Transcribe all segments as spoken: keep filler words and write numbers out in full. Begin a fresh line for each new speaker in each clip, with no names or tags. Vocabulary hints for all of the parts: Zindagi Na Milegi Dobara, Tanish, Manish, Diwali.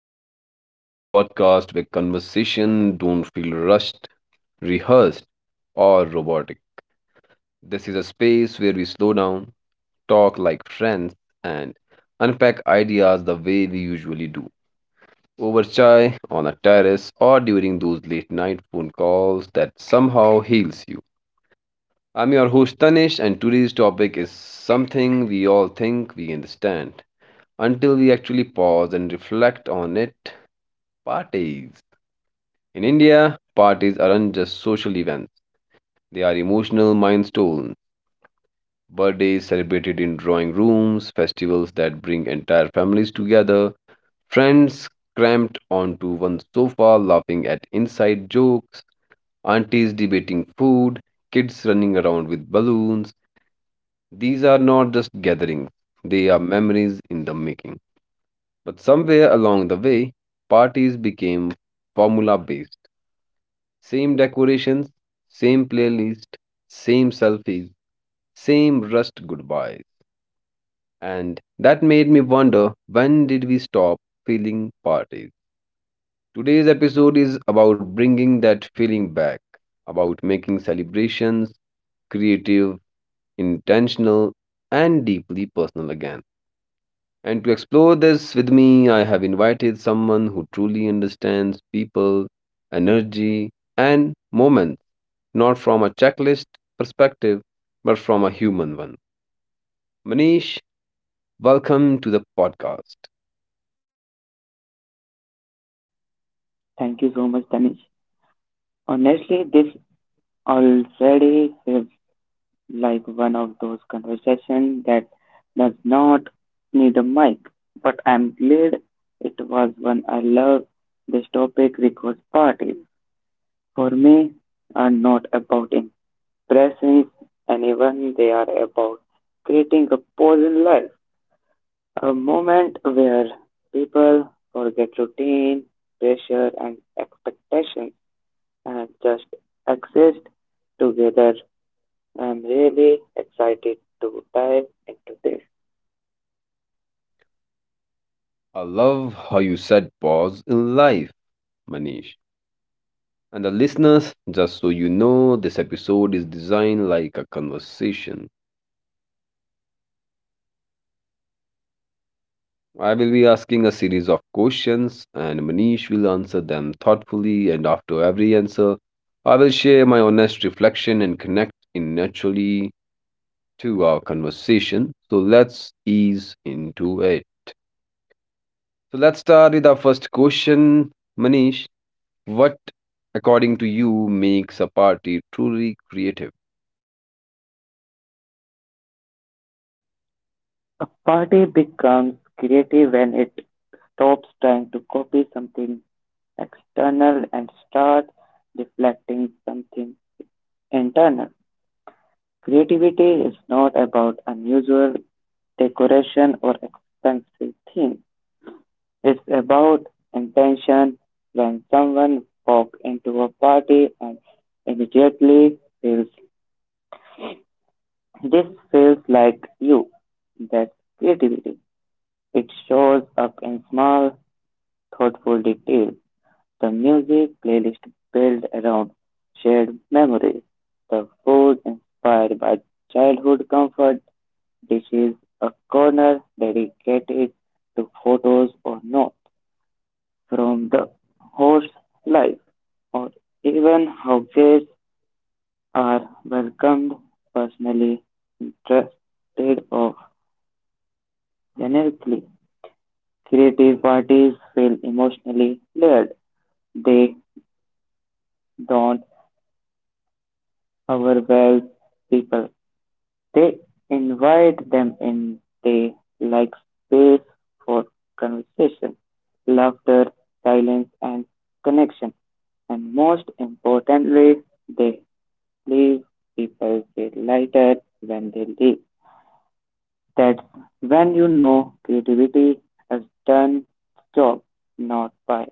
and welcome back to the podcast where conversation don't feel rushed, rehearsed or robotic. This is a space where we slow down, talk like friends and unpack ideas the way we usually do. Over chai, on a terrace or during those late night phone calls that somehow heals you. I'm your host Tanish and today's topic is something we all think we understand until we actually pause and reflect on it. Parties. In India, parties aren't just social events, they are emotional milestones. Birthdays celebrated in drawing rooms, festivals that bring entire families together, friends cramped onto one sofa laughing at inside jokes, aunties debating food, kids running around with balloons. These are not just gatherings, they are memories in the making. But somewhere along the way, parties became formula based. Same decorations, same playlist, same selfies, same rushed goodbyes. And that made me wonder when did we stop feeling parties? Today's episode is about bringing that feeling back, about making celebrations creative, intentional, and deeply personal again. And to explore this with me, I have invited someone who truly understands people, energy, and moments, not from a checklist perspective, but from a human one. Manish, welcome to the podcast.
Thank you so much, Tanish. Honestly, this already feels like one of those conversations that does not need a mic, but I'm glad it was one I love. This topic requires parties. For me, are not about impressing anyone. They are about creating a pause in life, a moment where people forget routine, pressure, and expectations uh, just exist together. I'm really excited to dive into this.
I love how you said pause in life, Manish. And the listeners, just so you know, this episode is designed like a conversation. I will be asking a series of questions, and Manish will answer them thoughtfully. And after every answer, I will share my honest reflection and connect in naturally to our conversation. So let's ease into it. So let's start with our first question, Manish. What, according to you, makes a party truly creative?
A party becomes creative when it stops trying to copy something external and starts reflecting something internal. Creativity is not about unusual decoration or expensive themes. It's about intention. When someone walks into a party and immediately feels this feels like you. That's creativity. It shows up in small, thoughtful details. The music playlist built around shared memories. The food inspired by childhood comfort dishes. A corner dedicated to photos or notes from the horse life, or even how guests are welcomed personally, interested, or generically. Creative parties feel emotionally layered. They don't overwhelm people. They invite them in. They like space for conversation, laughter, silence, and connection. And most importantly, they leave people feel lighter when they leave. That's when you know creativity has done its job, not by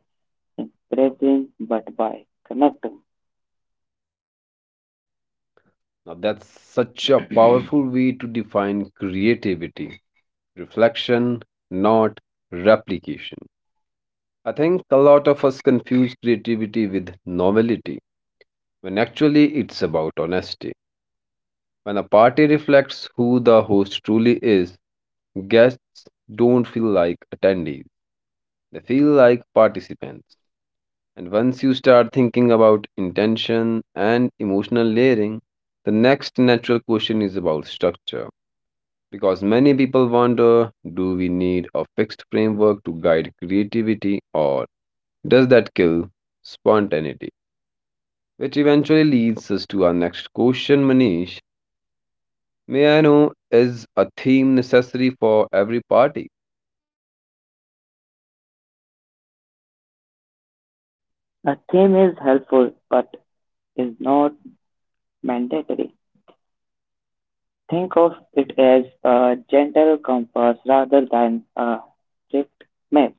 impressing, but by connecting.
Now, that's such a powerful way to define creativity, reflection, not replication. I think a lot of us confuse creativity with novelty, when actually it's about honesty. When a party reflects who the host truly is, guests don't feel like attendees, they feel like participants. And once you start thinking about intention and emotional layering, the next natural question is about structure. Because many people wonder, do we need a fixed framework to guide creativity, or does that kill spontaneity? Which eventually leads us to our next question, Manish. May I know, is a theme necessary for every party?
The theme is helpful, but is not mandatory. Think of it as a gentle compass rather than a strict map.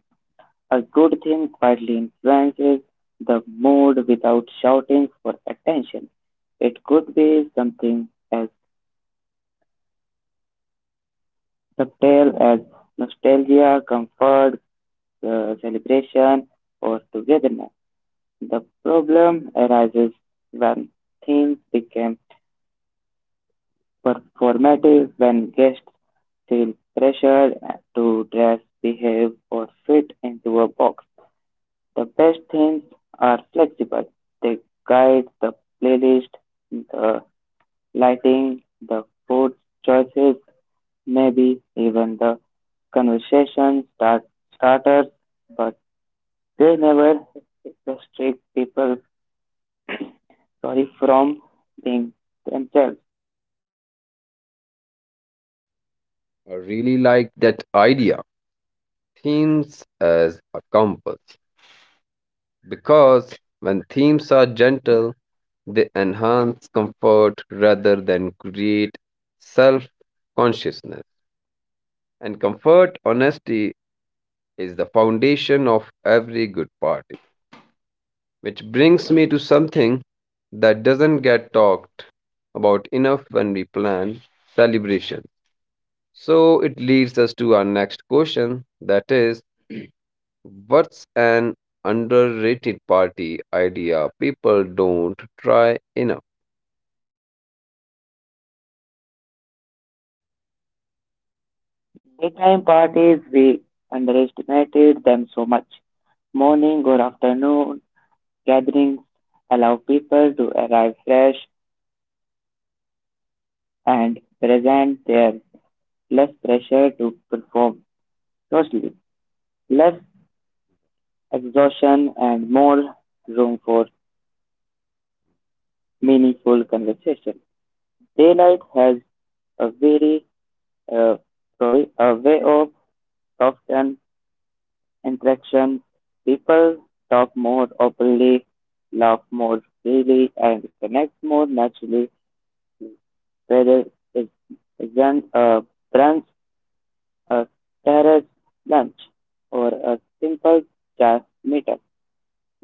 A good theme quietly influences the mood without shouting for attention. It could be something as subtle as nostalgia, comfort, uh, celebration, or togetherness. The problem arises when themes become performative when guests feel pressured to dress, behave, or fit into a box. The best things are flexible. They guide the playlist, the lighting, the food choices, maybe even the conversation start starters, but they never restrict people sorry from being themselves.
I really like that idea. Themes as a compass. Because when themes are gentle, they enhance comfort rather than create self consciousness. And comfort, honesty, is the foundation of every good party. Which brings me to something that doesn't get talked about enough when we plan celebration. So it leads us to our next question, that is, what's an underrated party idea people don't try enough?
Daytime parties, we underestimated them so much. Morning or afternoon gatherings allow people to arrive fresh and present. There's less pressure to perform socially, less exhaustion, and more room for meaningful conversation. Daylight has a very, uh, sorry, a way of often interaction, people talk more openly, laugh more freely, and connect more naturally. Whether it isn't a brunch, a terrace lunch, or a simple just meetup.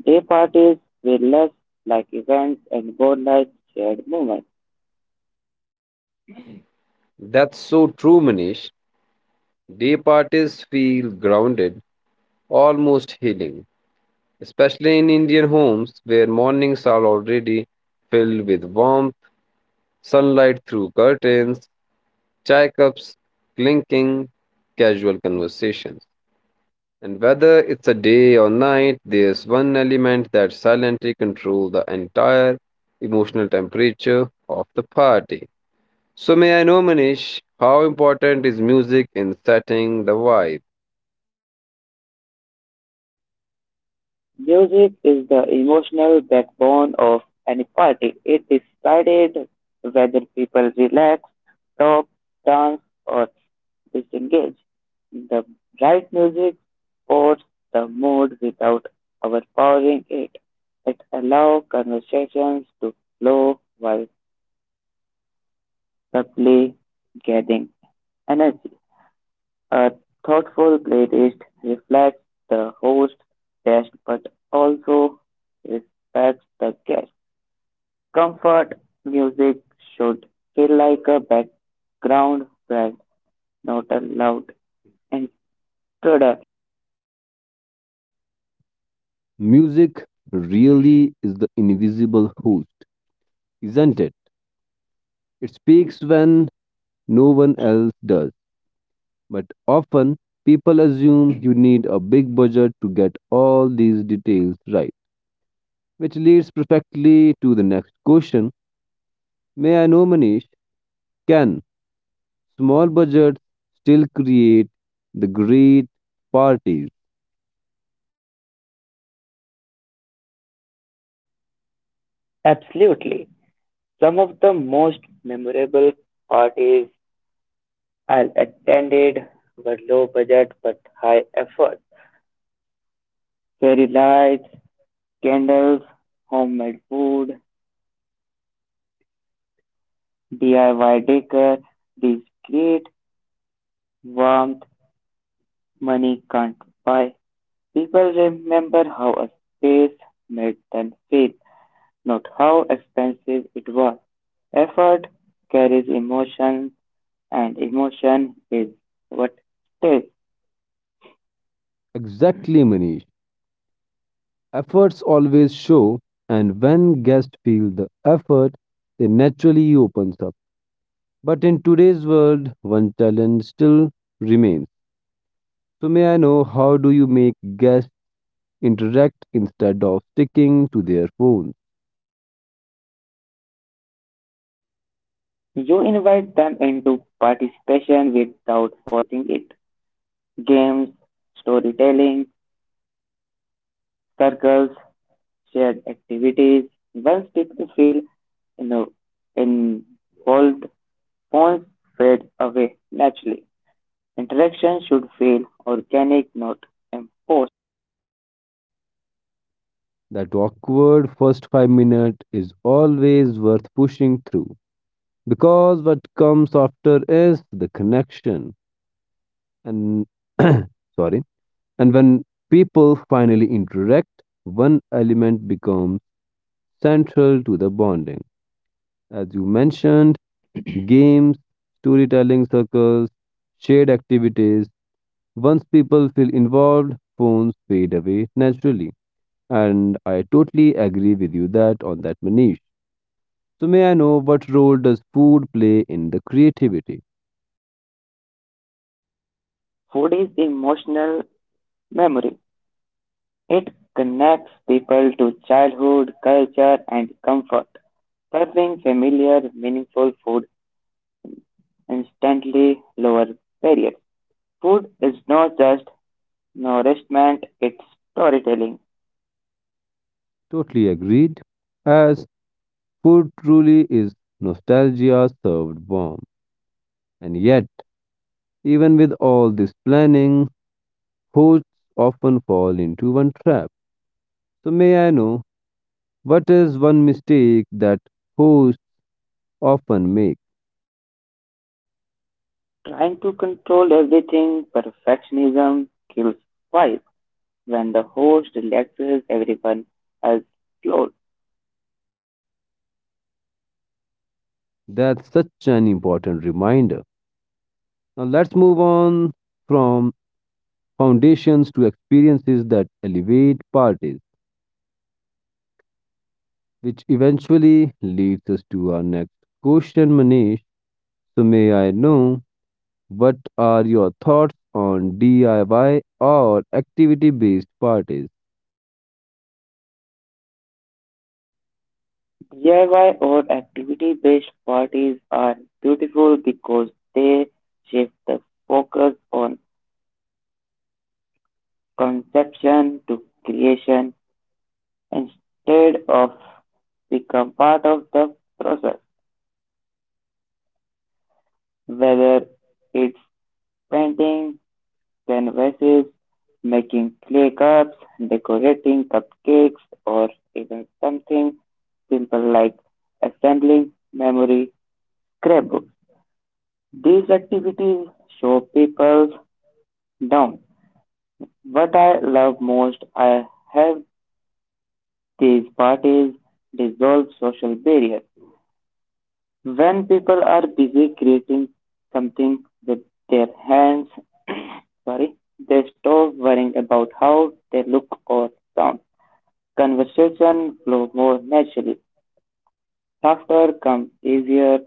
Day parties were less like events and more like shared moments.
That's so true, Manish. Day parties feel grounded, almost healing, especially in Indian homes where mornings are already filled with warmth, sunlight through curtains, chai cups clinking, casual conversations. And whether it's a day or night, there's one element that silently controls the entire emotional temperature of the party. So, may I know, Manish, how important is music in setting the vibe?
Music is the emotional backbone of any party. It decided whether people relax, talk, dance, or disengage. The right music supports the mood without overpowering it. It allows conversations to flow while subtly getting energy. A thoughtful playlist reflects the host, taste but also respects the guest. Comfort music should feel like a background friend, not a loud intruder.
Music really is the invisible host, isn't it? It speaks when no one else does. But often people assume you need a big budget to get all these details right, which leads perfectly to the next question. May I know, Manish, can small budgets still create the great parties?
Absolutely. Some of the most memorable parties I attended were low budget but high effort. Fairy lights, candles, homemade food, D I Y decor, these create warmth money can't buy. People remember how a space made them feel, not how expensive it was. Effort carries emotion, and emotion is what stays.
Exactly, Manish. Efforts always show, and when guests feel the effort, they naturally opens up. But in today's world, one challenge still remains. So may I know, how do you make guests interact instead of sticking to their phones?
You invite them into participation without forcing it. Games, storytelling, circles, shared activities. Once people feel you know, involved, phones fade away naturally. Interaction should feel organic, not imposed.
That awkward first five minutes is always worth pushing through, because what comes after is the connection and sorry and when people finally interact one element becomes central to the bonding, as you mentioned, games, storytelling circles, shared activities. Once people feel involved, phones fade away naturally. And I totally agree with you that, on that, Manish. So may I know, what role does food play in the creativity?
Food is emotional memory. It connects people to childhood, culture, and comfort. Serving familiar, meaningful food instantly lowers barriers. Food is not just nourishment, it's storytelling.
Totally agreed. As food truly is nostalgia served warm. And yet, even with all this planning, hosts often fall into one trap. So may I know, what is one mistake that hosts often make?
Trying to control everything, perfectionism kills vibe. When the host relaxes, everyone has flow.
That's such an important reminder. Now let's move on from foundations to experiences that elevate parties, which eventually leads us to our next question, Manish. So, may I know, what are your thoughts on D I Y or activity based parties?
D I Y or activity-based parties are beautiful because they shift the focus on conception to creation instead of become part of the process. Whether it's painting canvases, making clay cups, decorating cupcakes, or even something simple like assembling memory scrapbooks. These activities show people down. What I love most, I have these parties dissolve social barriers. When people are busy creating something with their hands, sorry, they stop worrying about how they look or sound. Conversation flow more naturally. Laughter comes easier,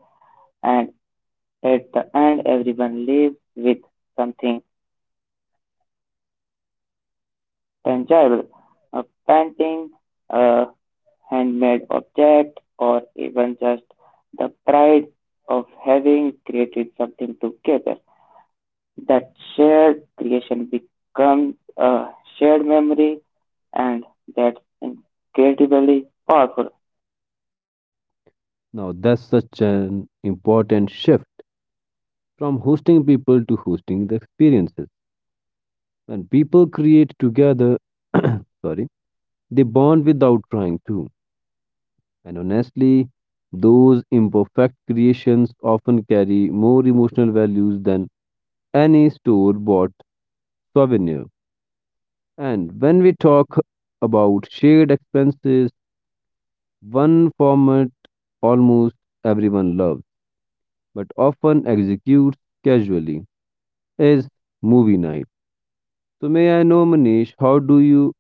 and at the end, everyone leaves with something tangible. A painting, a handmade object, or even just the pride of having created something together. That shared creation becomes a shared memory, and that's incredibly powerful.
Now, that's such an important shift from hosting people to hosting the experiences. When people create together, sorry, they bond without trying to. And honestly, those imperfect creations often carry more emotional values than any store bought souvenir. And when we talk about shared expenses, one format almost everyone loves but often executes casually is movie night. So, may I know, Manish, how do you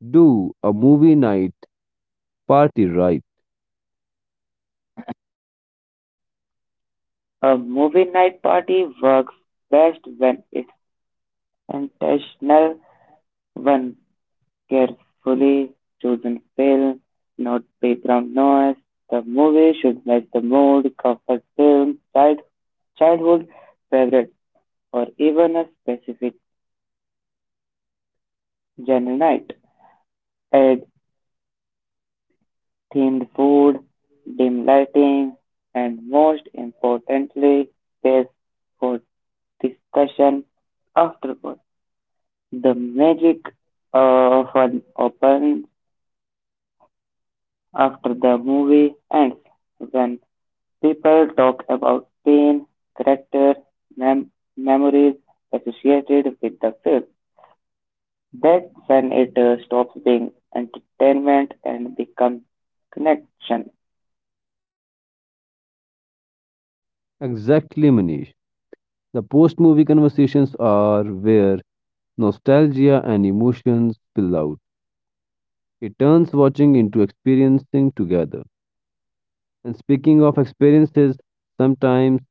do a movie night party right?
A movie night party works best when it's intentional, one carefully chosen film, not background noise. The movie should match the mood, comfort film, child, childhood favorite, or even a specific genre night. Add themed food, dim lighting, and most importantly, space for discussion afterward. The magic of an open after the movie ends when people talk about pain, character, mem- memories associated with the film. That's when it uh, stops being entertainment and becomes connection.
Exactly, Manish. The post movie conversations are where nostalgia and emotions spill out. It turns watching into experiencing together. And speaking of experiences, sometimes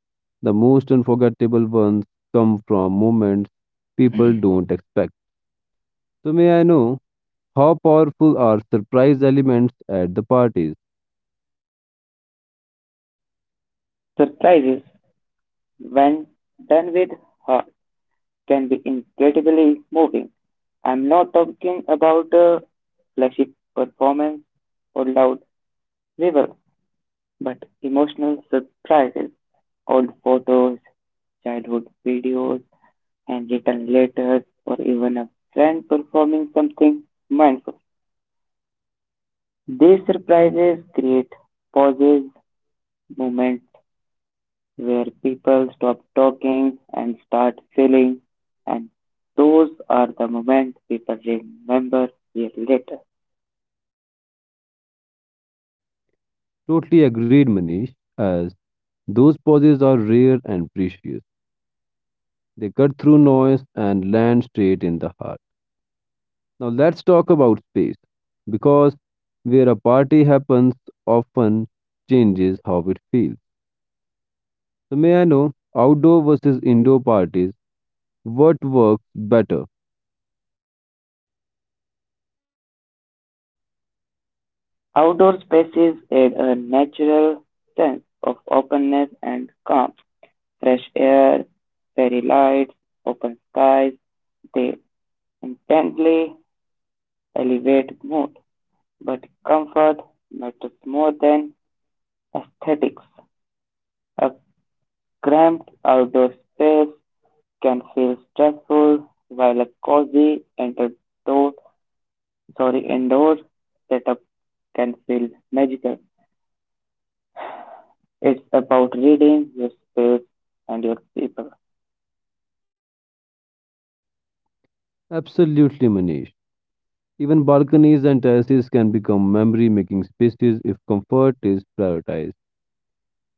the most unforgettable ones come from moments people don't expect. So, may I know, how powerful are surprise elements at the parties?
Surprises, when done with heart, can be incredibly moving. I'm not talking about uh, flashy performance or loud reveals, but emotional surprises, old photos, childhood videos, and written letters or even a friend performing something mindful. These surprises create pauses, moments where people stop talking and start feeling, and those are the moments people remember years later.
Totally agreed, Manish, as those pauses are rare and precious. They cut through noise and land straight in the heart. Now let's talk about space, because where a party happens often changes how it feels. So may I know, outdoor versus indoor parties, what works better?
Outdoor spaces add a natural sense of openness and calm. Fresh air, fairy lights, open skies, they intently elevate mood. But comfort matters more than aesthetics; a cramped outdoor space can feel stressful, while a cozy indoor sorry, indoor setup can feel magical. It's about reading your space and your people.
Absolutely, Manish. Even balconies and terraces can become memory making spaces if comfort is prioritized.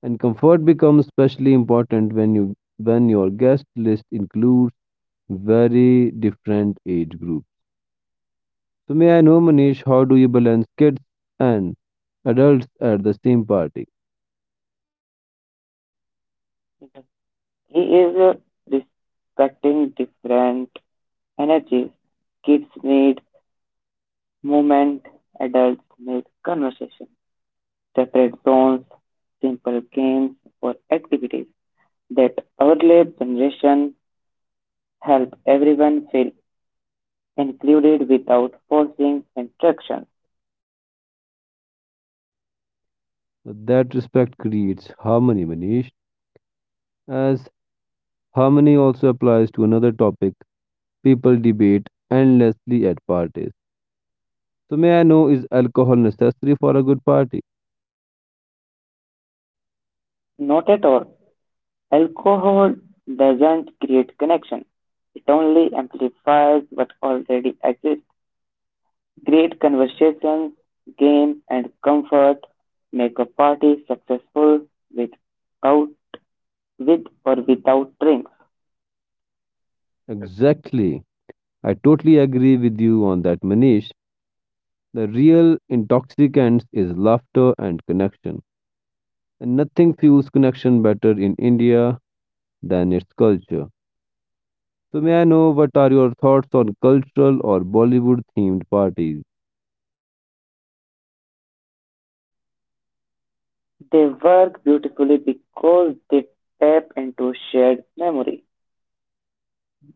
And comfort becomes especially important when you when your guest list includes very different age groups. So may I know, Manish, how do you balance kids and adults at the same party?
He is uh, respecting different energies. Kids need movement, adults need conversation. Separate zones, simple games or activities that earlier generation help everyone feel included without forcing instruction.
That respect creates harmony, Manish. As harmony also applies to another topic, people debate endlessly at parties. So, may I know, is alcohol necessary for a good party?
Not at all. Alcohol doesn't create connection. It only amplifies what already exists. Great conversations, games and comfort make a party successful with out with or without drinks.
Exactly. I totally agree with you on that, Manish. The real intoxicants is laughter and connection. And nothing fuels connection better in India than its culture. So, may I know, what are your thoughts on cultural or Bollywood themed parties?
They work beautifully because they tap into shared memory.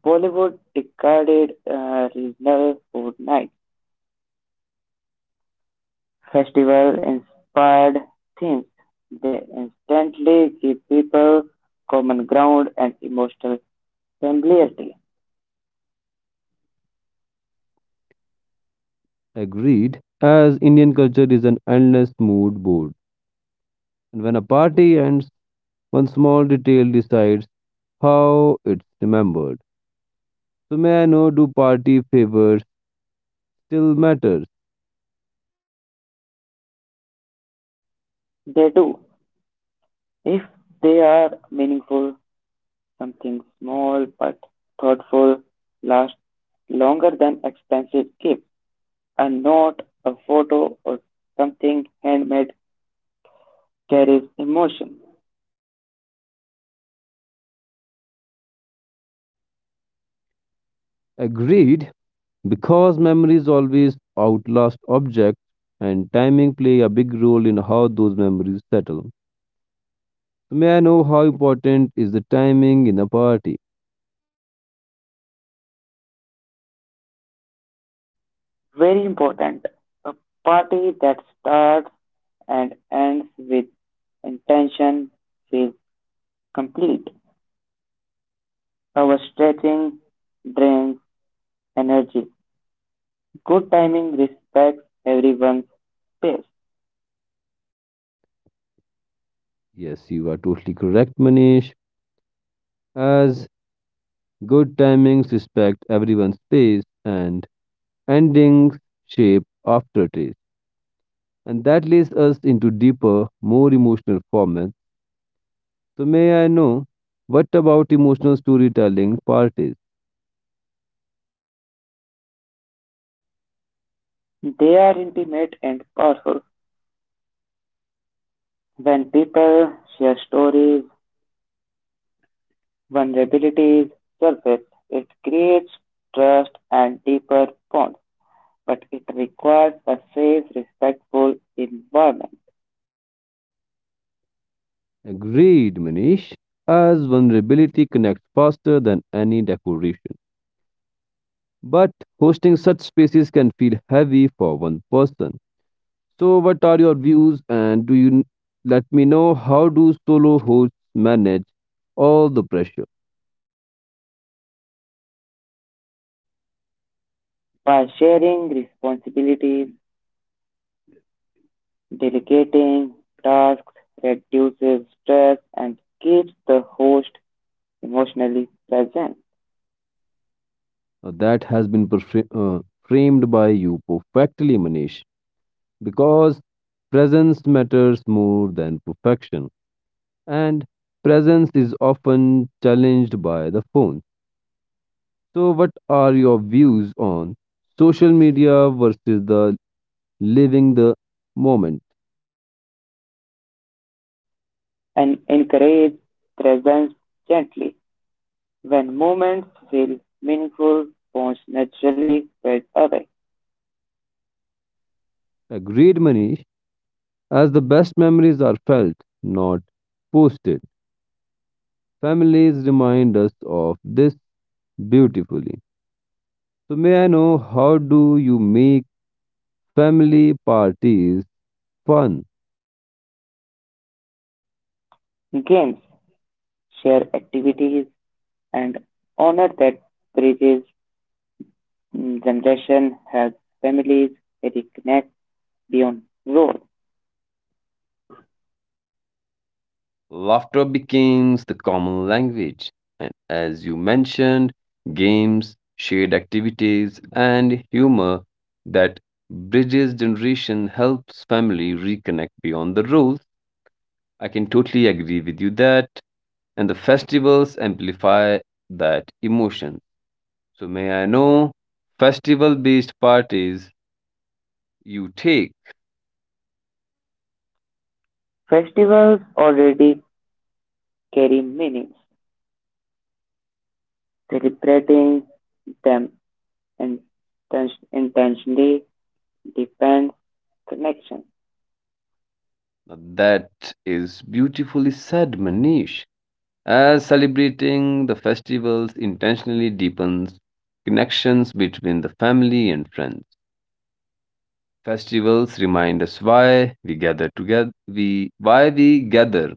Bollywood discarded uh, regional food nights, festival-inspired themes. They instantly give people common ground and emotional familiarity.
Agreed, as Indian culture is an endless mood board. And when a party ends, one small detail decides how it's remembered. So may I know, do party favors still matters?
They do, if they are meaningful, something small but thoughtful lasts longer than expensive gifts, a note, a photo, or something handmade there is emotion.
Agreed, because memories always outlast objects, and timing play a big role in how those memories settle. So may I know, how important is the timing in a party?
Very important. A party that starts and ends with intention is complete. Overstretching drains energy. Good timing respects everyone's space.
Yes, you are totally correct, Manish. As good timings respect everyone's space and endings shape aftertaste. And that leads us into deeper, more emotional formats. So, may I know, what about emotional storytelling part is.
They are intimate and powerful. When people share stories, vulnerabilities surface, it creates trust and deeper bonds, but it requires a safe, respectful environment.
Agreed, Manish. As vulnerability connects faster than any decoration. But hosting such spaces can feel heavy for one person. So, what are your views? And do you let me know, how do solo hosts manage all the pressure?
By sharing responsibilities, delegating tasks reduces stress and keeps the host emotionally present
Uh, that has been perfra- uh, framed by you perfectly, Manish, because presence matters more than perfection, and presence is often challenged by the phone. So, what are your views on social media versus the living the moment?
and encourage presence gently. When moments feel meaningful, bonds naturally fade away.
Agreed, Manish, as the best memories are felt, not posted. Families remind us of this beautifully. So, may I know, how do you make family parties fun?
Games share activities and honor that bridges mm, generation has families reconnect beyond roles.
Laughter becomes the common language, and as you mentioned, games, shared activities, and humor that bridges generation helps family reconnect beyond the rules. I can totally agree with you that, and the festivals amplify that emotion. So may I know, festival-based parties, you take?
Festivals already carry meanings celebrating them and intentionally deepens connection
Now that is beautifully said, Manish, as celebrating the festivals intentionally deepens connections between the family and friends. Festivals remind us why we gather together, we why we gather,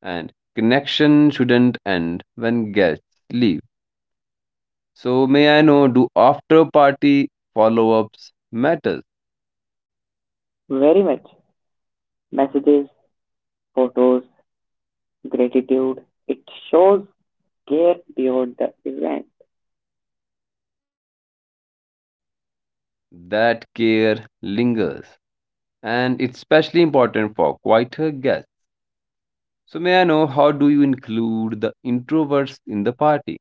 and connection shouldn't end when guests leave. So may I know, do after party follow-ups matter?
very much. Messages, photos, gratitude. It shows care beyond the event
That care lingers, and it's especially important for quieter guests. So may I know, how do you include the introverts in the party?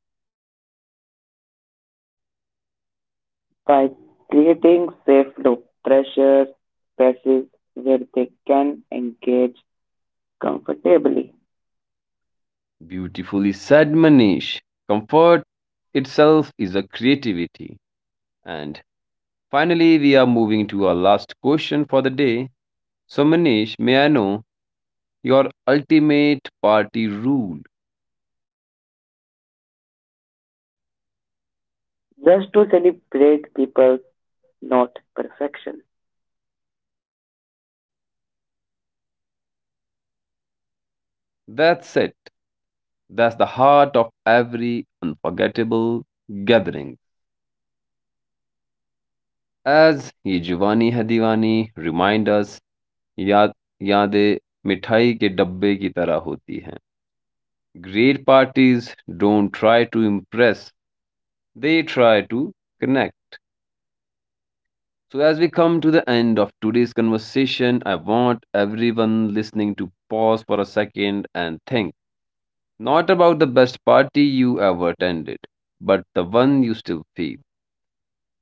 by creating safe loop pressure spaces where they can engage comfortably.
Beautifully said, Manish. Comfort itself is a creativity. And finally, we are moving to our last question for the day. So, Manish, may I know your ultimate party rule?
Just to celebrate people, not perfection.
That's it. That's the heart of every unforgettable gathering. As ये जुवानी है दीवानी remind us, याद यादे मिठाई के डब्बे की तरह होती हैं. Great parties don't try to impress, they try to connect. So, as we come to the end of today's conversation, I want everyone listening to pause for a second and think, not about the best party you ever attended, but the one you still feel,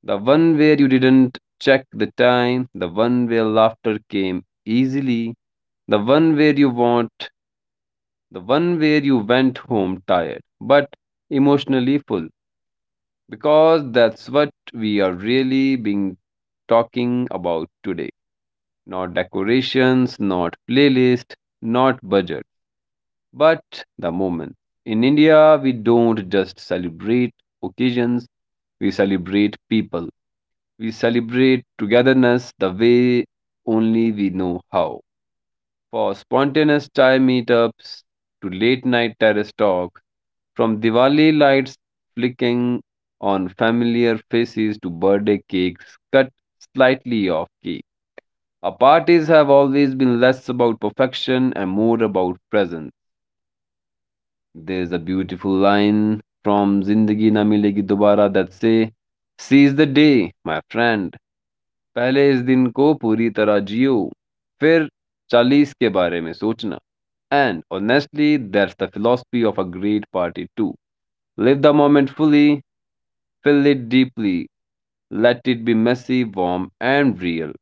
the one where you didn't check the time, the one where laughter came easily, the one where you want, the one where you went home tired but emotionally full. Because that's what we are really being talking about today. Not decorations, not playlist, not budget, but the moment. In India, we don't just celebrate occasions, we celebrate people. We celebrate togetherness the way only we know how, for spontaneous chai meetups to late night terrace talk, from Diwali lights flicking on familiar faces to birthday cakes cut slightly off key. Our parties have always been less about perfection and more about presence. There's a beautiful line from Zindagi Na Milegi Dobara that say, "Seize the day, my friend. पहले इस दिन को पूरी तरह जियो फिर चालीस के बारे में सोचना and honestly that's the philosophy of a great party to live the moment fully feel it deeply let it be messy warm and real."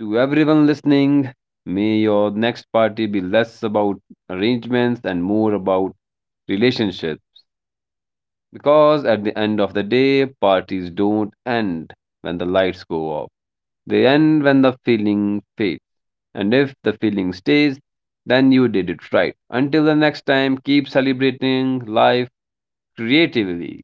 To everyone listening, may your next party be less about arrangements and more about relationships. Because at the end of the day, parties don't end when the lights go off. They end when the feeling fades. And if the feeling stays, then you did it right. Until the next time, keep celebrating life creatively.